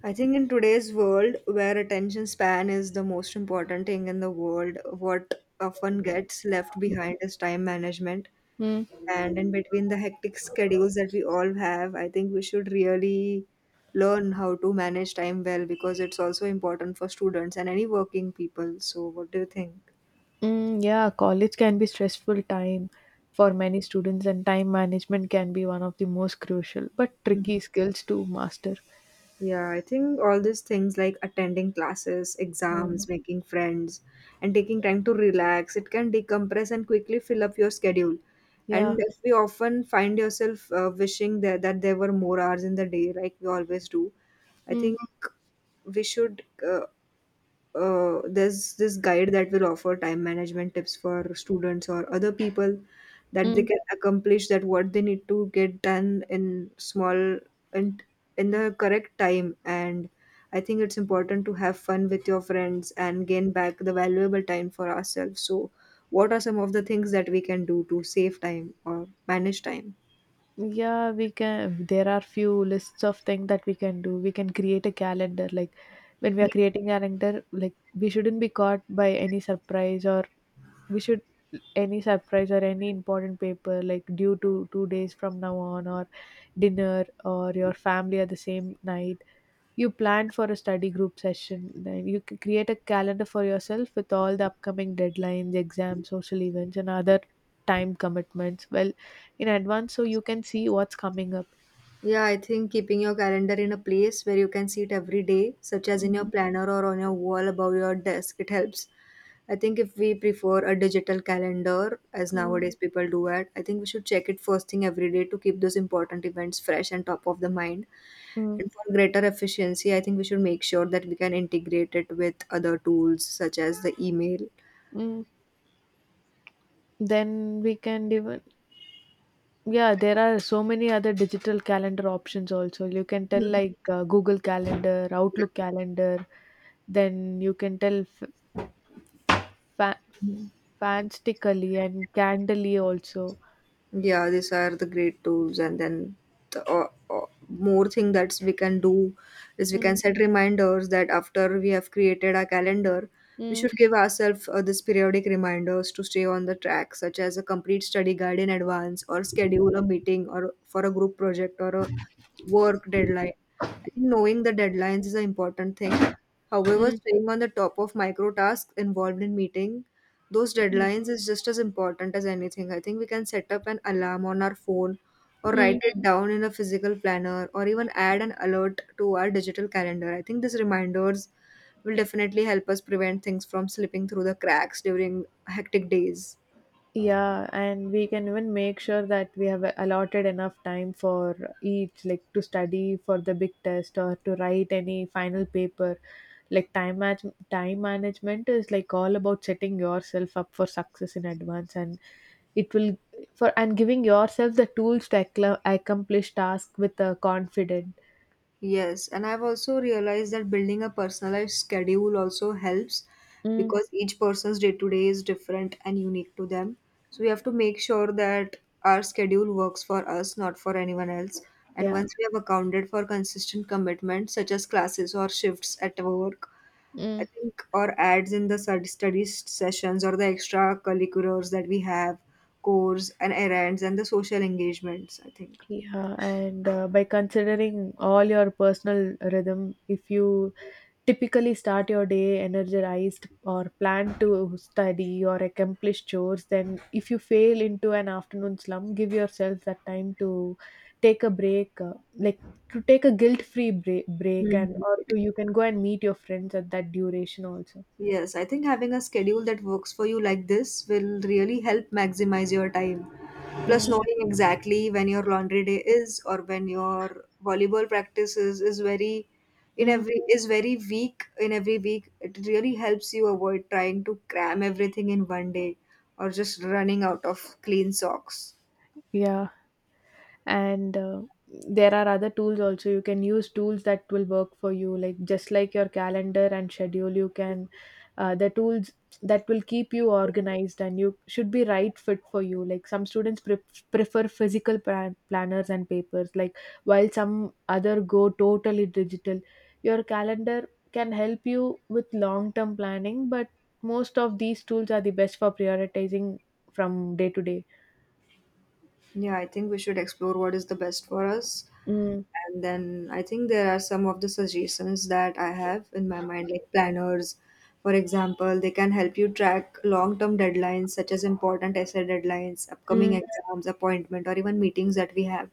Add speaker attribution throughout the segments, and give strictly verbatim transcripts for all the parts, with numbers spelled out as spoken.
Speaker 1: I think in today's world, where attention span is the most important thing in the world, what often gets left behind is time management.
Speaker 2: Mm,
Speaker 1: And in between the hectic schedules that we all have, I think we should really learn how to manage time well because it's also important for students and any working people. So, what do you think?
Speaker 2: mm, yeah, college can be stressful time for many students, and time management can be one of the most crucial but tricky skills to master.
Speaker 1: Yeah, I think all these things like attending classes,
Speaker 2: Mm,
Speaker 1: exams, making friends, and taking time to relax, it can decompress and quickly fill up your schedule.
Speaker 2: yeah.
Speaker 1: And if we often find yourself uh, wishing that, that there were more hours in the day, like we always do, I
Speaker 2: Mm,
Speaker 1: think we should uh, uh, there's this guide that will offer time management tips for students or other people that they
Speaker 2: mm.
Speaker 1: can accomplish that what they need to get done in small and in the correct time. And I think it's important to have fun with your friends and gain back the valuable time for ourselves. So what are some of the things that we can do to save time or manage time?
Speaker 2: Yeah, we can. There are few lists of things that we can do. We can create a calendar. Like when we are creating calendar, like we shouldn't be caught by any surprise or we should any surprise or any important paper like due to two days from now on or dinner or your family at the same night, you plan for a study group session. Then you c- create a calendar for yourself with all the upcoming deadlines, exams, social events and other time commitments well in advance, so you can see what's coming up
Speaker 1: Yeah, I think keeping your calendar in a place where you can see it every day, such as in your planner or on your wall above your desk, it helps. I think if we prefer a digital calendar, as
Speaker 2: mm,
Speaker 1: nowadays people do it, I think we should check it first thing every day to keep those important events fresh and top of the mind.
Speaker 2: mm,
Speaker 1: And for greater efficiency, I think we should make sure that we can integrate it with other tools such as the email.
Speaker 2: mm. Then we can even, yeah, there are so many other digital calendar options also. You can tell, like, uh, Google Calendar, Outlook Calendar, then you can tell f- fa- fanstically and candily also.
Speaker 1: Yeah, these are the great tools. And then the uh, uh, more thing that we can do is we can
Speaker 2: mm,
Speaker 1: set reminders that after we have created our calendar we
Speaker 2: mm,
Speaker 1: should give ourselves uh, this periodic reminders to stay on the track, such as a complete study guide in advance or schedule a meeting or for a group project or a work deadline. I think knowing the deadlines is an important thing. However,
Speaker 2: mm.
Speaker 1: staying on the top of micro tasks involved in meeting those deadlines is just as important as anything. I think we can set up an alarm on our phone or
Speaker 2: Mm.
Speaker 1: write it down in a physical planner or even add an alert to our digital calendar. I think these reminders will definitely help us prevent things from slipping through the cracks during hectic days.
Speaker 2: Yeah, and we can even make sure that we have allotted enough time for each, like to study for the big test or to write any final paper. Like time match time management is like all about setting yourself up for success in advance, and it will for and giving yourself the tools to accla- accomplish tasks with a confident.
Speaker 1: Yes, and I've also realized that building a personalized schedule also helps
Speaker 2: Mm,
Speaker 1: because each person's day to day is different and unique to them. So we have to make sure that our schedule works for us, not for anyone else. And
Speaker 2: yeah.
Speaker 1: once we have accounted for consistent commitments such as classes or shifts at work,
Speaker 2: Mm.
Speaker 1: I think, or ads in the stud- study s- sessions or the extra curriculars that we have, course and errands and the social engagements, I think.
Speaker 2: Yeah, and uh, by considering all your personal rhythm, if you typically start your day energized or plan to study or accomplish chores, then if you fail into an afternoon slump, give yourself that time to take a break, uh, like to take a guilt free break, break and
Speaker 1: Hmm.
Speaker 2: or to you can go and meet your friends at that duration also.
Speaker 1: Yes, I think having a schedule that works for you like this will really help maximize your time. Plus,
Speaker 2: mm.
Speaker 1: knowing exactly when your laundry day is or when your volleyball practice is is very in
Speaker 2: Mm.
Speaker 1: every is very weak in every week. It really helps you avoid trying to cram everything in one day or just running out of clean socks.
Speaker 2: Yeah, and uh, there are other tools also. You can use tools that will work for you, like just like your calendar and schedule. You can, uh, the tools that will keep you organized and you should be right fit for you. Like some students pre- prefer physical plan- planners and papers, like while some other go totally digital. Your calendar can help you with long term planning, but most of these tools are the best for prioritizing from day to day
Speaker 1: Yeah, I think we should explore what is the best for us.
Speaker 2: mm,
Speaker 1: And then I think there are some of the suggestions that I have in my mind, like planners, for example, they can help you track long term deadlines, such as important essay deadlines, upcoming
Speaker 2: mm,
Speaker 1: exams, appointment, or even meetings that we have.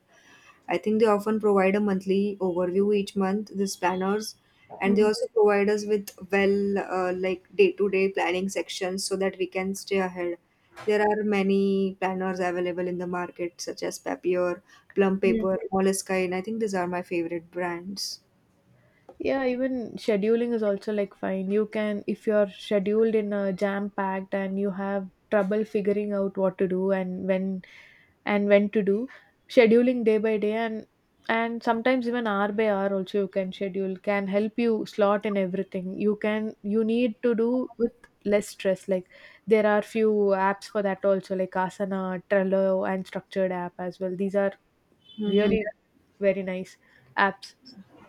Speaker 1: I think they often provide a monthly overview each month, the planners, and they
Speaker 2: mm,
Speaker 1: also provide us with well, uh, like day to day planning sections so that we can stay ahead. There are many planners available in the market, such as Papier, Plum
Speaker 2: mm.
Speaker 1: Paper, Moleskine. I think these are my favorite brands.
Speaker 2: Yeah, even scheduling is also like fine. You can, if you're scheduled in a jam packed and you have trouble figuring out what to do and when and when to do, scheduling day by day and and sometimes even hour by hour also, you can schedule can help you slot in everything. You can you need to do with less stress. Like there are few apps for that also, like Asana, Trello, and Structured app as well. These are
Speaker 1: Mm-hmm.
Speaker 2: really very nice apps.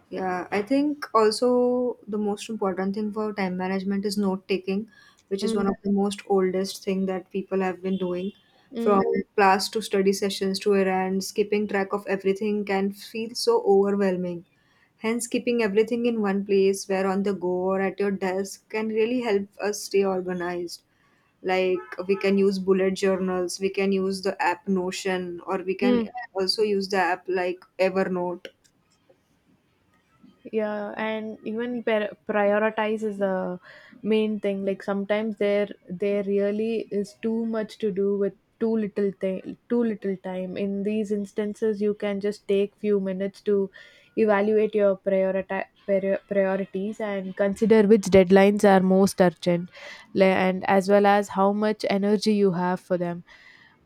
Speaker 1: Yeah, I think also the most important thing for time management is note taking, which is one
Speaker 2: Mm,
Speaker 1: of the most oldest thing that people have been doing. From
Speaker 2: mm,
Speaker 1: class to study sessions to errands, keeping track of everything can feel so overwhelming. Hence, keeping everything in one place, where on the go or at your desk, can really help us stay organized. Like we can use bullet journals, we can use the app Notion, or we can
Speaker 2: mm.
Speaker 1: also use the app like Evernote.
Speaker 2: Yeah, and even per- prioritize is the main thing. Like sometimes there there really is too much to do with too little thing too little time. In these instances, you can just take few minutes to evaluate your priorita- prior- priorities and consider which deadlines are most urgent, le- and as well as how much energy you have for them,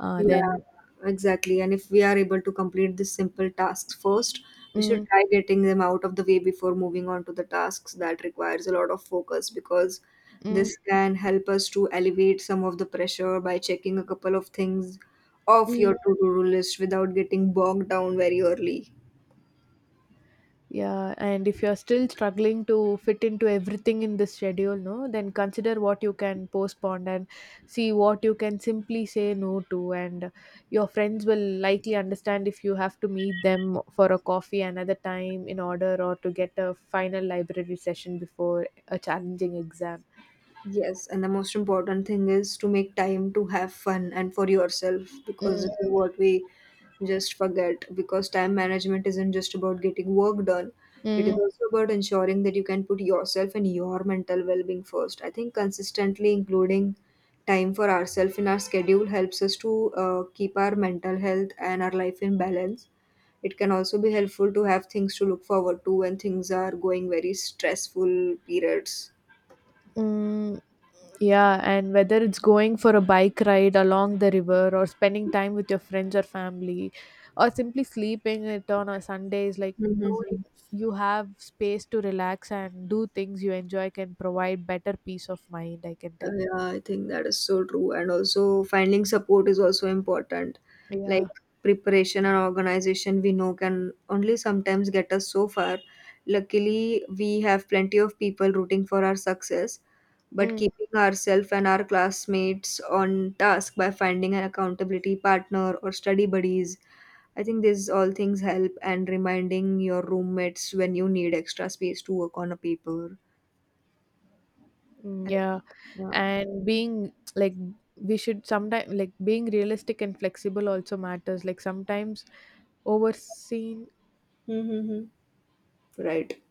Speaker 2: uh,
Speaker 1: Yeah,
Speaker 2: then
Speaker 1: exactly. And if we are able to complete these simple tasks first, we should
Speaker 2: mm,
Speaker 1: try getting them out of the way before moving on to the tasks that requires a lot of focus because
Speaker 2: mm,
Speaker 1: this can help us to alleviate some of the pressure by checking a couple of things off your
Speaker 2: mm.
Speaker 1: to-do list without getting bogged down very early.
Speaker 2: Yeah, and if you're still struggling to fit into everything in this schedule, no, then consider what you can postpone and see what you can simply say no to. And your friends will likely understand if you have to meet them for a coffee another time in order or to get a final library session before a challenging exam.
Speaker 1: Yes, and the most important thing is to make time to have fun and for yourself because
Speaker 2: Mm,
Speaker 1: this is what we just forget. Because time management isn't just about getting work done, it is
Speaker 2: mm,
Speaker 1: also about ensuring that you can put yourself and your mental well being first. I think consistently including time for ourselves in our schedule helps us to uh, keep our mental health and our life in balance. It can also be helpful to have things to look forward to when things are going very stressful periods.
Speaker 2: mm. Yeah, and whether it's going for a bike ride along the river or spending time with your friends or family or simply sleeping it on a Sunday is like knowing
Speaker 1: Mm-hmm.
Speaker 2: you have space to relax and do things you enjoy can provide better peace of mind, I can
Speaker 1: Uh,
Speaker 2: tell.
Speaker 1: Yeah, I think that is so true. And also, finding support is also important. Like
Speaker 2: Yeah.
Speaker 1: preparation and organization, we know can only sometimes get us so far. Luckily, we have plenty of people rooting for our success, but
Speaker 2: Mm,
Speaker 1: keeping ourselves and our classmates on task by finding an accountability partner or study buddies, I think these all things help. And reminding your roommates when you need extra space to work on a paper.
Speaker 2: mm,
Speaker 1: I-
Speaker 2: yeah.
Speaker 1: Yeah.
Speaker 2: And being like we should sometimes like being realistic and flexible also matters. Like sometimes overseen,
Speaker 1: Mm-hmm. Right.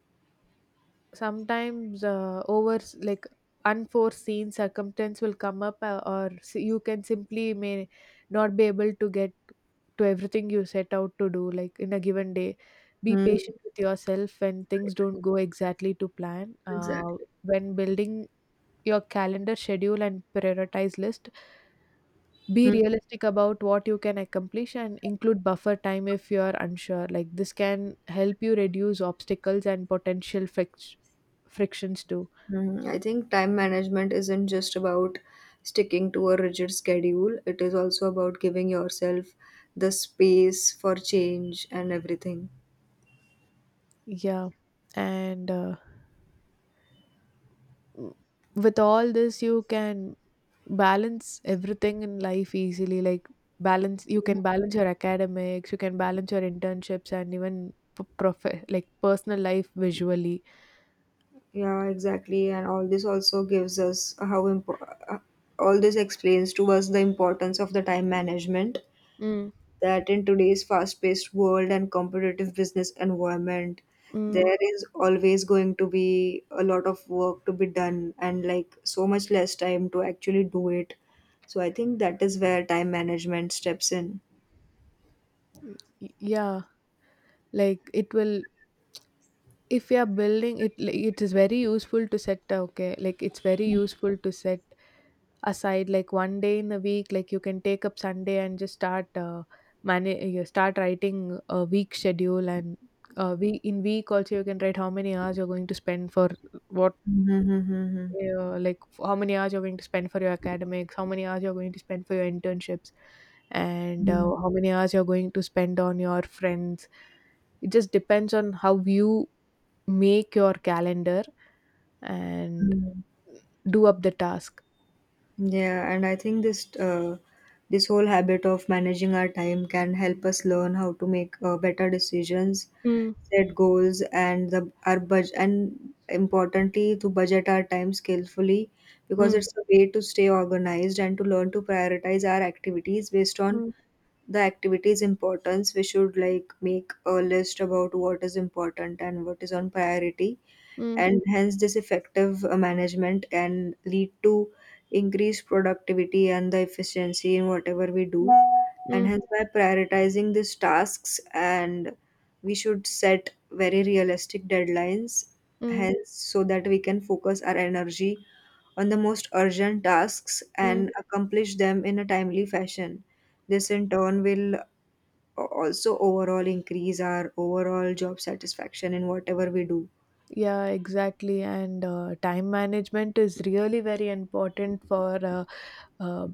Speaker 2: sometimes uh, over s- like unforeseen circumstance will come up, uh, or s- you can simply may not be able to get to everything you set out to do, like in a given day. Be
Speaker 1: Mm. Right.
Speaker 2: patient with yourself when things don't go exactly to plan, uh,
Speaker 1: Exactly.
Speaker 2: when building your calendar schedule and prioritize list. Be
Speaker 1: Mm.
Speaker 2: realistic about what you can accomplish and include buffer time if you are unsure, like this can help you reduce obstacles and potential fric- frictions too.
Speaker 1: Mhm. I think time management isn't just about sticking to a rigid schedule, it is also about giving yourself the space for change and everything.
Speaker 2: Yeah, and uh, w- with all this, you can balance everything in life easily. Like balance, you can balance your academics, you can balance your internships, and even p- prof- like personal life visually.
Speaker 1: Yeah, exactly. And all this also gives us how impo- uh, all this explains to us the importance of the time management
Speaker 2: Mm,
Speaker 1: that in today's fast-paced world and competitive business environment,
Speaker 2: mm,
Speaker 1: there is always going to be a lot of work to be done and like so much less time to actually do it. So I think that is where time management steps in.
Speaker 2: y- yeah, like it will, if you are building it, like, it is very useful to set uh, okay, like it's very useful to set aside like one day in a week. Like you can take up Sunday and just start, uh, manage you start writing a week schedule and uh, we in week also, you can write how many hours you're going to spend for what,
Speaker 1: Mm-hmm.
Speaker 2: uh, like how many hours you're going to spend for your academics, how many hours you're going to spend for your internships, and uh, how many hours you're going to spend on your friends. It just depends on how you make your calendar and do up the task.
Speaker 1: Yeah, and I think this uh, this whole habit of managing our time can help us learn how to make uh, better decisions,
Speaker 2: Mm,
Speaker 1: set goals, and the our budget and importantly to budget our time skillfully because
Speaker 2: mm,
Speaker 1: it's a way to stay organized and to learn to prioritize our activities based on
Speaker 2: mm,
Speaker 1: the activity's importance. We should like make a list about what is important and what is on priority,
Speaker 2: mm,
Speaker 1: and hence this effective uh, management can lead to increased productivity and the efficiency in whatever we do. And
Speaker 2: mm,
Speaker 1: hence by prioritizing these tasks and we should set very realistic deadlines
Speaker 2: mm,
Speaker 1: hence so that we can focus our energy on the most urgent tasks
Speaker 2: mm.
Speaker 1: and accomplish them in a timely fashion. This in turn will uh, also overall increase our overall job satisfaction in whatever we do.
Speaker 2: Yeah, exactly. And uh, time management is really very important for uh, uh,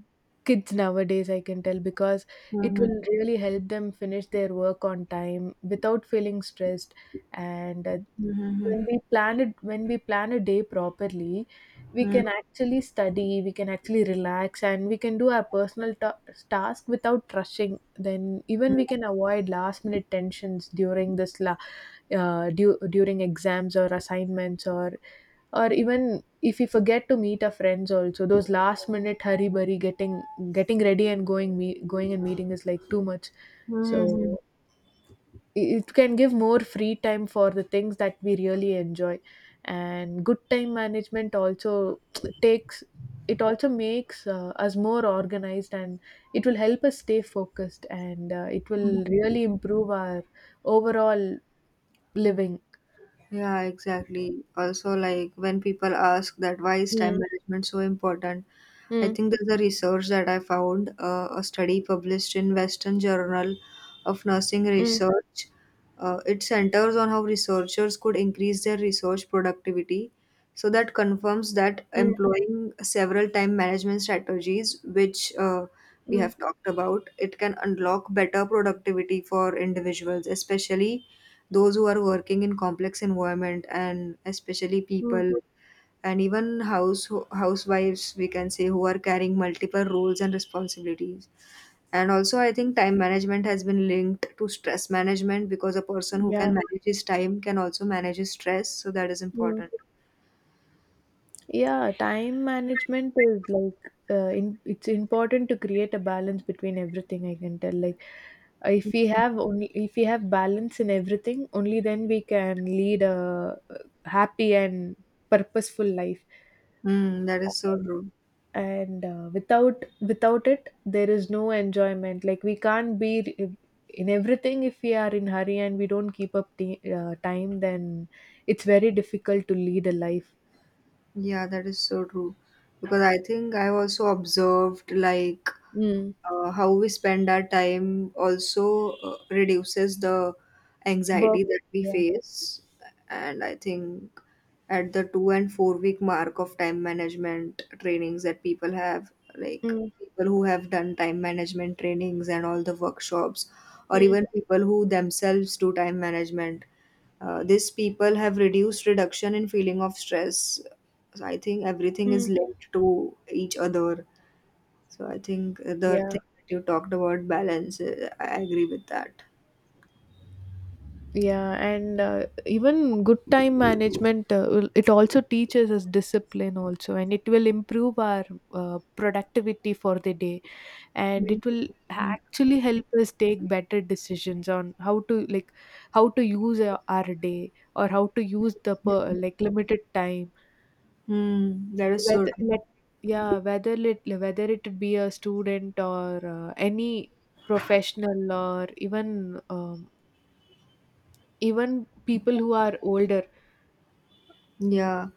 Speaker 2: kids nowadays, I can tell, because it
Speaker 1: Mhm.
Speaker 2: will really help them finish their work on time without feeling stressed. And uh,
Speaker 1: Mhm.
Speaker 2: when we plan it, when we plan a day properly, we
Speaker 1: Mm.
Speaker 2: can actually study, we can actually relax, and we can do our personal ta- task without rushing. Then even we can avoid last minute tensions during this la- uh, du- during exams or assignments or or even if we forget to meet our friends also. Those last minute hurry burry, getting getting ready and going me- going and meeting is like too much.
Speaker 1: Mhm. Mhm.
Speaker 2: So i- it can give more free time for the things that we really enjoy. And good time management also takes, it also makes uh, us more organized and it will help us stay focused, and uh, it will really improve our overall living.
Speaker 1: Yeah, exactly. Also, like when people ask that why is
Speaker 2: mm.
Speaker 1: time management so important, I
Speaker 2: Mm.
Speaker 1: think there's a research that I found, uh, a study published in Western Journal of Nursing
Speaker 2: Mm,
Speaker 1: Research. Uh, it centers on how researchers could increase their research productivity. So that confirms that
Speaker 2: mm,
Speaker 1: employing several time management strategies, which uh, we
Speaker 2: mm,
Speaker 1: have talked about, it can unlock better productivity for individuals, especially those who are working in complex environment and especially
Speaker 2: mm.
Speaker 1: people, and even house housewives we can say who are carrying multiple roles and responsibilities. And also I think time management has been linked to stress management because a person who can
Speaker 2: Yeah,
Speaker 1: manage his time can also manage his stress, so that is
Speaker 2: mm.
Speaker 1: important.
Speaker 2: yeah. Time management is like, uh, in, it's important to create a balance between everything, I can tell. Like, uh, if we have, only if we have balance in everything, only then we can lead a uh, happy and purposeful life.
Speaker 1: Mm, that is so true.
Speaker 2: And uh, without without it there is no enjoyment. Like we can't be r- in everything if we are in hurry and we don't keep up the uh, time, then it's very difficult to lead a life.
Speaker 1: Yeah, that is so true. Because I think I've also observed like
Speaker 2: mm.
Speaker 1: uh, how we spend our time also uh, reduces the
Speaker 2: Work,
Speaker 1: anxiety that we
Speaker 2: yeah.
Speaker 1: face. And I think at the two and four week mark of time management trainings that people have, like
Speaker 2: mm.
Speaker 1: people who have done time management trainings and all the workshops, or
Speaker 2: Mm.
Speaker 1: even people who themselves do time management, uh, these people have reduced reduction in feeling of stress, so I think everything is
Speaker 2: Mm.
Speaker 1: linked to each other. So I think uh, the
Speaker 2: yeah
Speaker 1: thing that you talked about balance, uh, I agree with that.
Speaker 2: yeah and uh, even good time management, uh, will- it also teaches us discipline also, and it will improve our uh, productivity for the day. And it
Speaker 1: Mhm.
Speaker 2: will actually help us take better decisions on how to, like, how to use our, our day or how to use the per, like limited time,
Speaker 1: Hmm, that is so
Speaker 2: whether
Speaker 1: true.
Speaker 2: let, yeah, whether it whether it be a student or uh, any professional or even um, even people who are older.
Speaker 1: Yeah.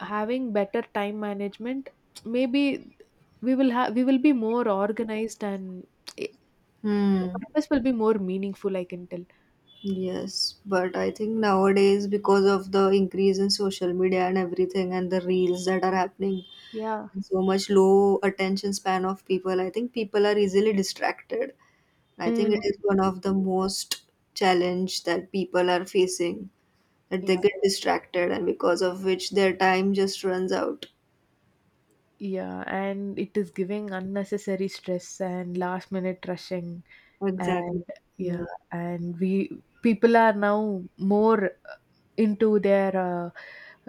Speaker 2: Having better time management, maybe we will have, we will be more organized, and it, the
Speaker 1: Hmm.
Speaker 2: purpose will be more meaningful, I can tell.
Speaker 1: Yes, but I think nowadays because of the increase in social media and everything and the reels that are happening
Speaker 2: Yeah.
Speaker 1: and so much low attention span of people, I think people are easily distracted. I think
Speaker 2: Mm,
Speaker 1: it is one of the most challenge that people are facing that they
Speaker 2: yeah,
Speaker 1: get distracted and because of which their time just runs out.
Speaker 2: yeah, and it is giving unnecessary stress and last minute rushing, and
Speaker 1: Exactly.
Speaker 2: yeah,
Speaker 1: Mm.
Speaker 2: and we people are now more into their uh,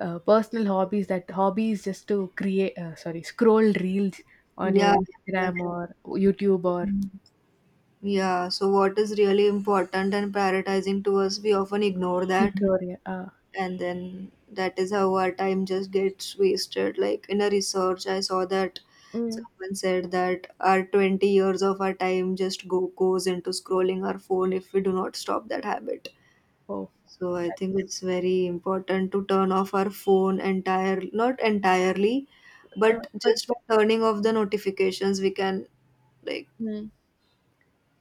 Speaker 2: uh, personal hobbies, that hobbies just to create, uh, sorry, scroll reels on your
Speaker 1: Yeah,
Speaker 2: Instagram
Speaker 1: exactly.
Speaker 2: or YouTube or
Speaker 1: Mm. Yeah, so what is really important and prioritizing to us, we often ignore that.
Speaker 2: ignore, yeah, uh,
Speaker 1: And then that is how our time just gets wasted. Like in a research, I saw that
Speaker 2: mm,
Speaker 1: someone said that our twenty years of our time just go goes into scrolling our phone if we do not stop that habit.
Speaker 2: oh
Speaker 1: So I think it's very important to turn off our phone entire not entirely,
Speaker 2: uh,
Speaker 1: but
Speaker 2: but
Speaker 1: just by turning off the notifications, we can like
Speaker 2: mm,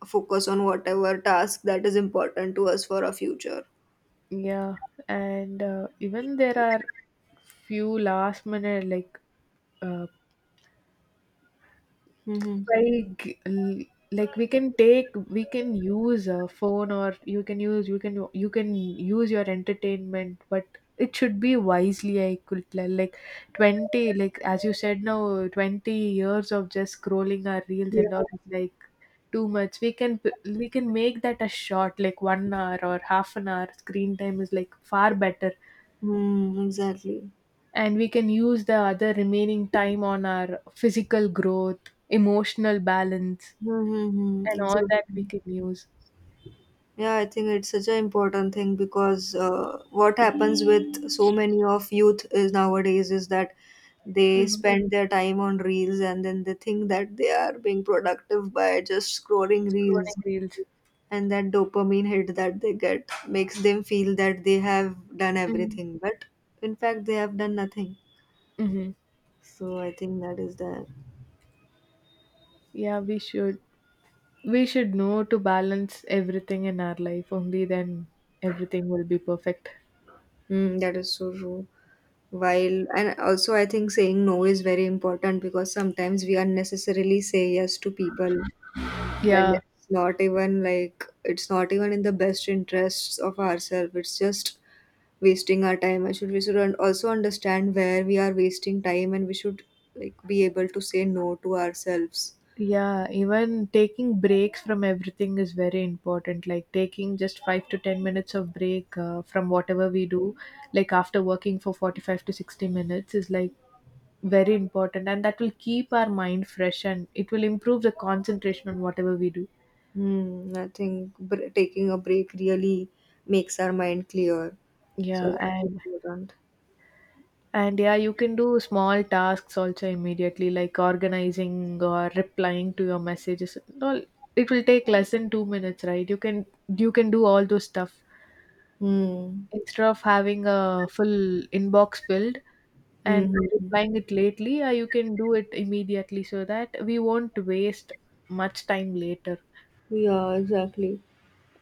Speaker 1: focus on whatever task that is important to us for our future.
Speaker 2: yeah, and uh, even there are few last minute like, uh,
Speaker 1: Mm-hmm.
Speaker 2: by g- l- like we can take, we can use a phone or you can use, you can you can use your entertainment, but it should be wisely, I could tell. Like twenty, like as you said, now twenty years of just scrolling our reels
Speaker 1: Yeah.
Speaker 2: and all is like too much. We can p- we can make that a short, like one hour or half an hour screen time is like far better,
Speaker 1: Mm, exactly.
Speaker 2: and we can use the other remaining time on our physical growth, emotional balance
Speaker 1: Mm-hmm.
Speaker 2: and all that
Speaker 1: Exactly.
Speaker 2: wicked news.
Speaker 1: Yeah, I think it's such an important thing because uh, what happens with so many of youth is nowadays is that they
Speaker 2: Mhm.
Speaker 1: spend their time on reels, and then they think that they are being productive by just scrolling reels,
Speaker 2: Scrolling reels.
Speaker 1: and that dopamine hit that they get makes them feel that they have done
Speaker 2: Mhm.
Speaker 1: everything, but in fact they have done nothing.
Speaker 2: Hmm.
Speaker 1: So I think that is the.
Speaker 2: Yeah, we should. We should know to balance everything in our life. Only then everything will be perfect.
Speaker 1: Mm, that is so true. While and also I think saying no is very important because sometimes we unnecessarily say yes to people when
Speaker 2: Yeah.
Speaker 1: it's not even like it's not even in the best interests of ourselves. It's just wasting our time. I should we should un- also understand where we are wasting time, and we should like be able to say no to ourselves.
Speaker 2: Yeah, even taking breaks from everything is very important. Like taking just five to ten minutes of break, uh, from whatever we do, like after working for forty-five to sixty minutes, is like very important. And that will keep our mind fresh and it will improve the concentration on whatever we do.
Speaker 1: Hmm, I think br- taking a break really makes our mind clear, so
Speaker 2: Yeah,
Speaker 1: that is
Speaker 2: and
Speaker 1: important.
Speaker 2: and yeah, you can do small tasks also immediately, like organizing or replying to your messages. No, it will take less than two minutes, right? You can you can do all those stuff
Speaker 1: Hmm.
Speaker 2: instead of having a full inbox filled
Speaker 1: Hmm,
Speaker 2: and
Speaker 1: hmm, hmm.
Speaker 2: replying it lately. Uh, you can do it immediately so that we won't waste much time later.
Speaker 1: Yeah, exactly.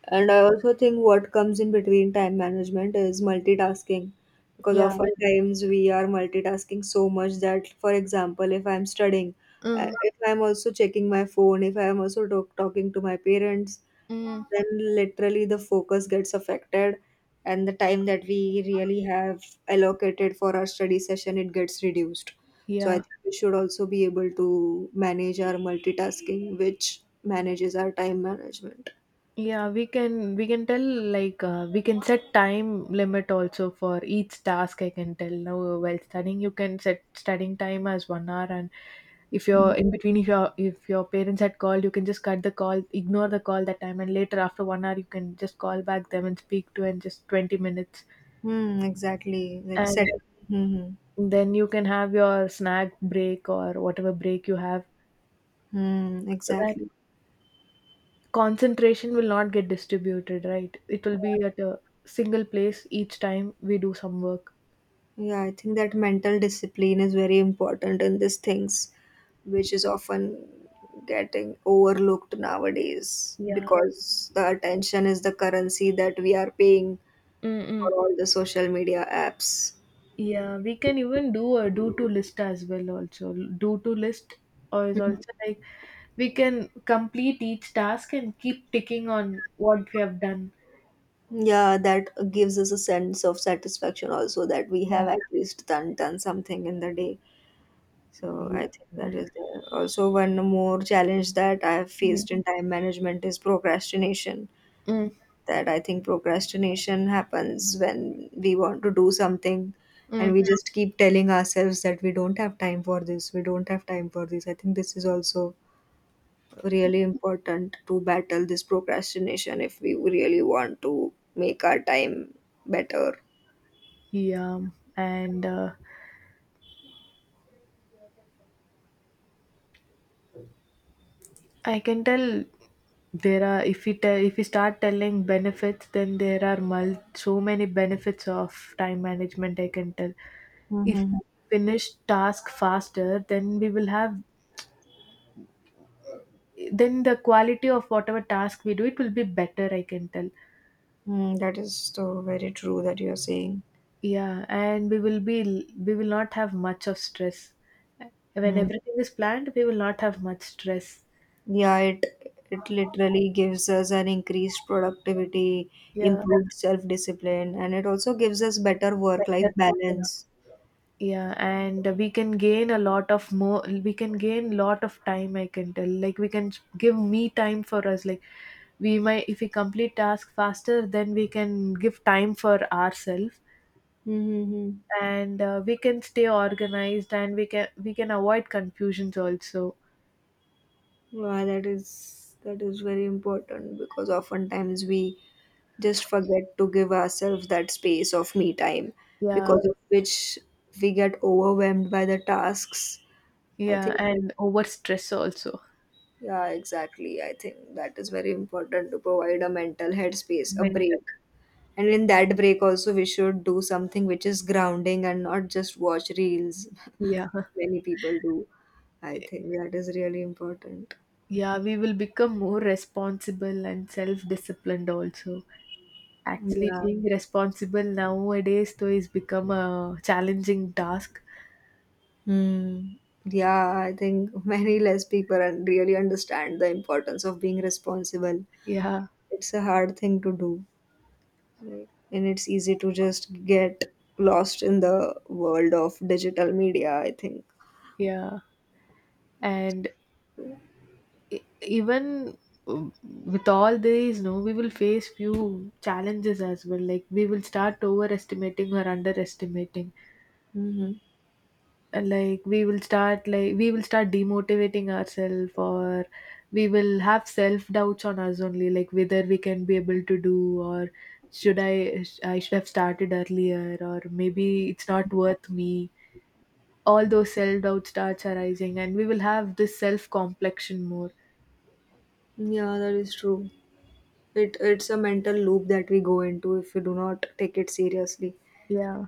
Speaker 1: And I also think what comes in between time management is multitasking because
Speaker 2: Yeah.
Speaker 1: oftentimes we are multitasking so much that, for example, if I'm studying, I-
Speaker 2: Mm,
Speaker 1: if I'm also checking my phone, if I'm also talk- talking to my parents,
Speaker 2: mm,
Speaker 1: then literally the focus gets affected, and the time that we really have allocated for our study session, it gets reduced. So I
Speaker 2: yeah.
Speaker 1: think we should also be able to manage our multitasking, which manages our time management.
Speaker 2: Yeah, we can we can tell like uh, we can set time limit also for each task. I can tell. Now uh, while studying you can set studying time as one hour, and if you're in between, if your if your parents had called, you can just cut the call, ignore the call that time, and later after one hour you can just call back them and speak to and just twenty minutes,
Speaker 1: Hmm, exactly. Like set.
Speaker 2: and
Speaker 1: Hmm.
Speaker 2: then you can have your snack break or whatever break you have.
Speaker 1: Hmm. Hmm,
Speaker 2: So that
Speaker 1: exactly.
Speaker 2: concentration will not get distributed, right? It will be at a single place each time we do some work.
Speaker 1: Yeah, I think that mental discipline is very important in these things, which is often getting overlooked nowadays
Speaker 2: Yeah.
Speaker 1: because the attention is the currency that we are paying for
Speaker 2: Mm-mm.
Speaker 1: all the social media apps.
Speaker 2: Yeah, we can even do a do to list as well also. Do to list or is also like we can complete each task and keep ticking on what we have done.
Speaker 1: Yeah, that gives us a sense of satisfaction also that we
Speaker 2: Yeah.
Speaker 1: have at least done done something in the day. So I
Speaker 2: Yeah.
Speaker 1: think that
Speaker 2: And,
Speaker 1: is there. Also, one more challenge that I have
Speaker 2: mm,
Speaker 1: faced in time management is procrastination.
Speaker 2: mm,
Speaker 1: That I think procrastination happens when we want to do something, and
Speaker 2: mm.
Speaker 1: we just keep telling ourselves that we don't have time for this, we don't have time for this. I think this is also really important to battle this procrastination if we really want to make our time better.
Speaker 2: Yeah. And uh, I can tell, there are, if we tell if we start telling benefits, then there are mul- so many benefits of time management. I can tell. If
Speaker 1: Mm-hmm.
Speaker 2: we finish task faster, then we will have, then the quality of whatever task we do it will be better. I can tell.
Speaker 1: Mm, hmm, is so very true that you're saying.
Speaker 2: Yeah, and we will be we will not have much of stress. When
Speaker 1: Hmm.
Speaker 2: everything is planned, we will not have much stress.
Speaker 1: Yeah, it it literally gives us an increased productivity,
Speaker 2: Yeah,
Speaker 1: improved self-discipline, and it also gives us better work-life
Speaker 2: better. Yeah.
Speaker 1: balance.
Speaker 2: Yeah, and we can gain a lot of more. We can gain lot of time. I can tell. Like we can give me time for us. Like we might, if we complete task faster, then we can give time for ourselves,
Speaker 1: Mm-hmm.
Speaker 2: and uh, we can stay organized, and we can we can avoid confusions also.
Speaker 1: Wow, that is that is very important because oftentimes we just forget to give ourselves that space of me time,
Speaker 2: Yeah,
Speaker 1: because of which we get overwhelmed by the tasks. I
Speaker 2: yeah,
Speaker 1: think that,
Speaker 2: and over stress also.
Speaker 1: yeah, exactly. I think that is very important to provide a mental headspace, a
Speaker 2: Mental.
Speaker 1: break. And in that break also we should do something which is grounding and not just watch reels.
Speaker 2: Yeah,
Speaker 1: Many people do. I think that is really important.
Speaker 2: yeah, we will become more responsible and self disciplined also. Actually,
Speaker 1: Yeah.
Speaker 2: being responsible nowadays though is become a challenging task.
Speaker 1: Hmm. Yeah, I think many less people un- really understand the importance of being responsible.
Speaker 2: Yeah,
Speaker 1: It's a hard thing to do. Like, and it's easy to just get lost in the world of digital media, I think.
Speaker 2: yeah, and e- even um, with all these, no, we will face few challenges as well. Like we will start overestimating or underestimating.
Speaker 1: Hmm.
Speaker 2: And, like we will start like we will start demotivating ourselves, or we will have self doubts on us only, like whether we can be able to do, or should i i should have started earlier, or maybe it's not worth me. All those self doubt starts arising and we will have this self complexion more.
Speaker 1: Yeah, that is true. It it's a mental loop that we go into if we do not take it seriously.
Speaker 2: Yeah.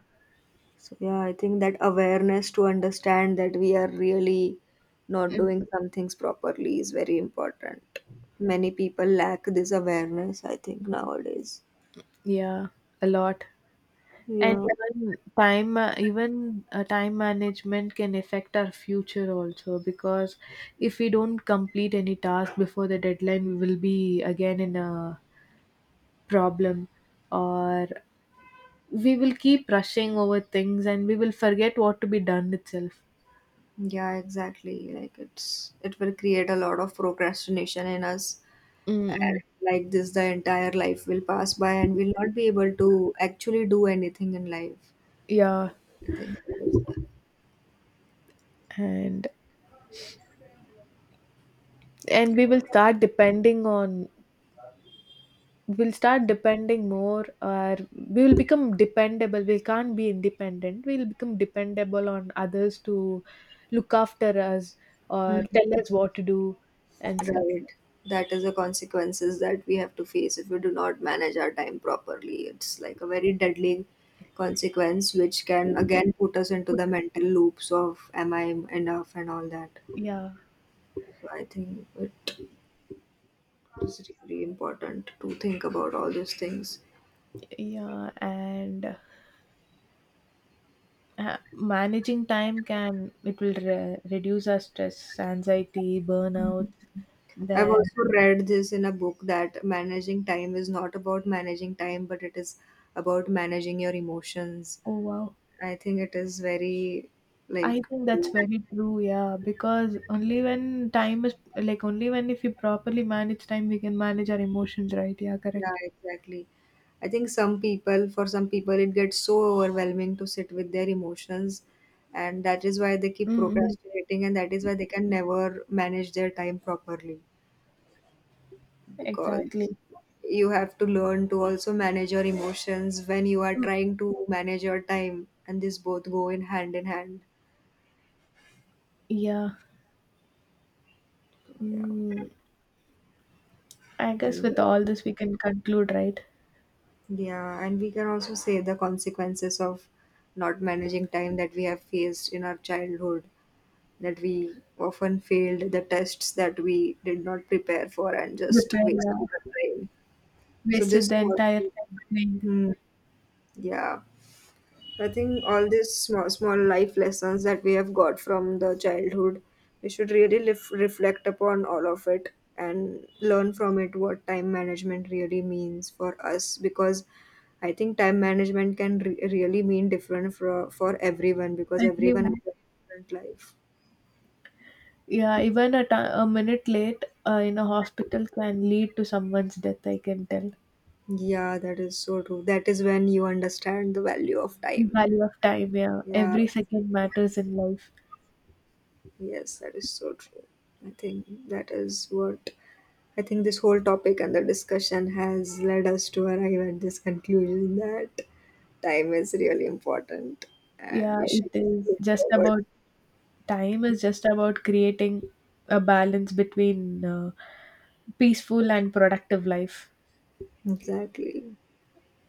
Speaker 1: So yeah, I think that awareness to understand that we are really not
Speaker 2: Mm.
Speaker 1: doing some things properly is very important. Many people lack this awareness, I think, nowadays.
Speaker 2: Yeah, a lot. And
Speaker 1: Yeah.
Speaker 2: even time, ma- even uh, time management can affect our future also, because if we don't complete any task before the deadline, we will be again in a problem, or we will keep rushing over things and we will forget what to be done itself.
Speaker 1: Yeah, exactly. Like it's it will create a lot of procrastination in us. And
Speaker 2: Mm-mm.
Speaker 1: like this, the entire life will pass by and we'll not be able to actually do anything in life.
Speaker 2: Yeah,
Speaker 1: I think that is
Speaker 2: and and we will start depending on we'll start depending more, or we will become dependable, we can't be independent, we'll become dependable on others to look after us or
Speaker 1: that.
Speaker 2: tell us what to do and stuff.
Speaker 1: Right. That is the consequences that we have to face if we do not manage our time properly. It's like a very deadly consequence, which can again put us into the
Speaker 2: Put-
Speaker 1: mental loops of am I enough and all that.
Speaker 2: yeah.
Speaker 1: So I think it is really important to think about all these things.
Speaker 2: Yeah, and uh, managing time can, it will re- reduce our stress, anxiety, burnout.
Speaker 1: I've
Speaker 2: Then,
Speaker 1: also read this in a book that managing time is not about managing time, but it is about managing your emotions.
Speaker 2: oh wow,
Speaker 1: I think it is very
Speaker 2: I
Speaker 1: like.
Speaker 2: think that's very true, yeah, because only when time is, like only when if we properly manage time, we can manage our emotions, right? Yeah,
Speaker 1: Yeah,
Speaker 2: correct.
Speaker 1: exactly. I think some people, for some people, it gets so overwhelming to sit with their emotions, and that is why they keep
Speaker 2: Mm-mm.
Speaker 1: procrastinating, and that is why they can never manage their time properly, because
Speaker 2: Exactly.
Speaker 1: you have to learn to also manage your emotions when you are
Speaker 2: Mm,
Speaker 1: trying to manage your time, and this both go in hand in hand.
Speaker 2: Yeah.
Speaker 1: Yeah.
Speaker 2: Mm, I guess
Speaker 1: And
Speaker 2: with all this, we can conclude, right?
Speaker 1: yeah, and we can also say the consequences of not managing time that we have faced in our childhood, that we often failed the tests that we did not prepare for and just
Speaker 2: Repair,
Speaker 1: wasted
Speaker 2: yeah.
Speaker 1: the time. So
Speaker 2: Wasted
Speaker 1: this
Speaker 2: the
Speaker 1: was,
Speaker 2: entire time playing.
Speaker 1: hmm, yeah. I think all these small, small life lessons that we have got from the childhood, we should really lef- reflect upon all of it and learn from it what time management really means for us, because I think time management can re- really mean different for, for everyone, because everyone has
Speaker 2: Everyone.
Speaker 1: a different life.
Speaker 2: Yeah, even a ti- a minute late uh, in a hospital can lead to someone's death, I can tell.
Speaker 1: Yeah, that is so true. That is when you understand the value of
Speaker 2: The
Speaker 1: time.
Speaker 2: value of time, yeah.
Speaker 1: Yeah,
Speaker 2: Every second matters in life.
Speaker 1: yes, that is so true. I think that is what I think this whole topic and the discussion has led us to arrive at this conclusion, that time is really important and
Speaker 2: Yeah,
Speaker 1: we
Speaker 2: it
Speaker 1: should
Speaker 2: is
Speaker 1: look
Speaker 2: just
Speaker 1: forward.
Speaker 2: about, time is just about creating a balance between uh, peaceful and productive life.
Speaker 1: Exactly.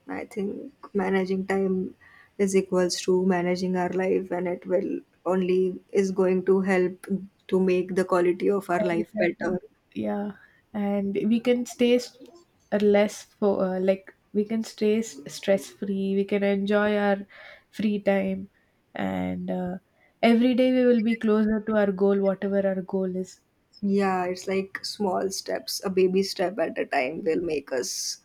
Speaker 1: I think managing time is equals to managing our life, and it will only is going to help to make the quality of our life
Speaker 2: Quality of life.
Speaker 1: better.
Speaker 2: Yeah, and we can stay s- uh, less for uh, like we can stay stress free. We can enjoy our free time, and uh, every day we will be closer to our goal, whatever our goal is.
Speaker 1: Yeah, it's like small steps, a baby step at a time will make us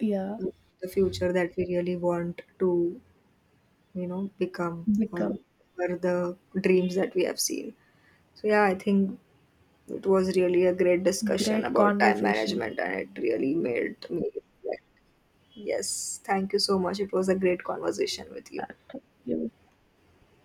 Speaker 2: Yeah,
Speaker 1: the future that we really want to, you know, become or
Speaker 2: become
Speaker 1: or the dreams that we have seen. So yeah, I think it was really a great discussion
Speaker 2: great
Speaker 1: about time
Speaker 2: conversation.
Speaker 1: management and it really made me reflect. Yes, thank you so much. It was a great conversation with
Speaker 2: Uh,
Speaker 1: you.
Speaker 2: Thank you.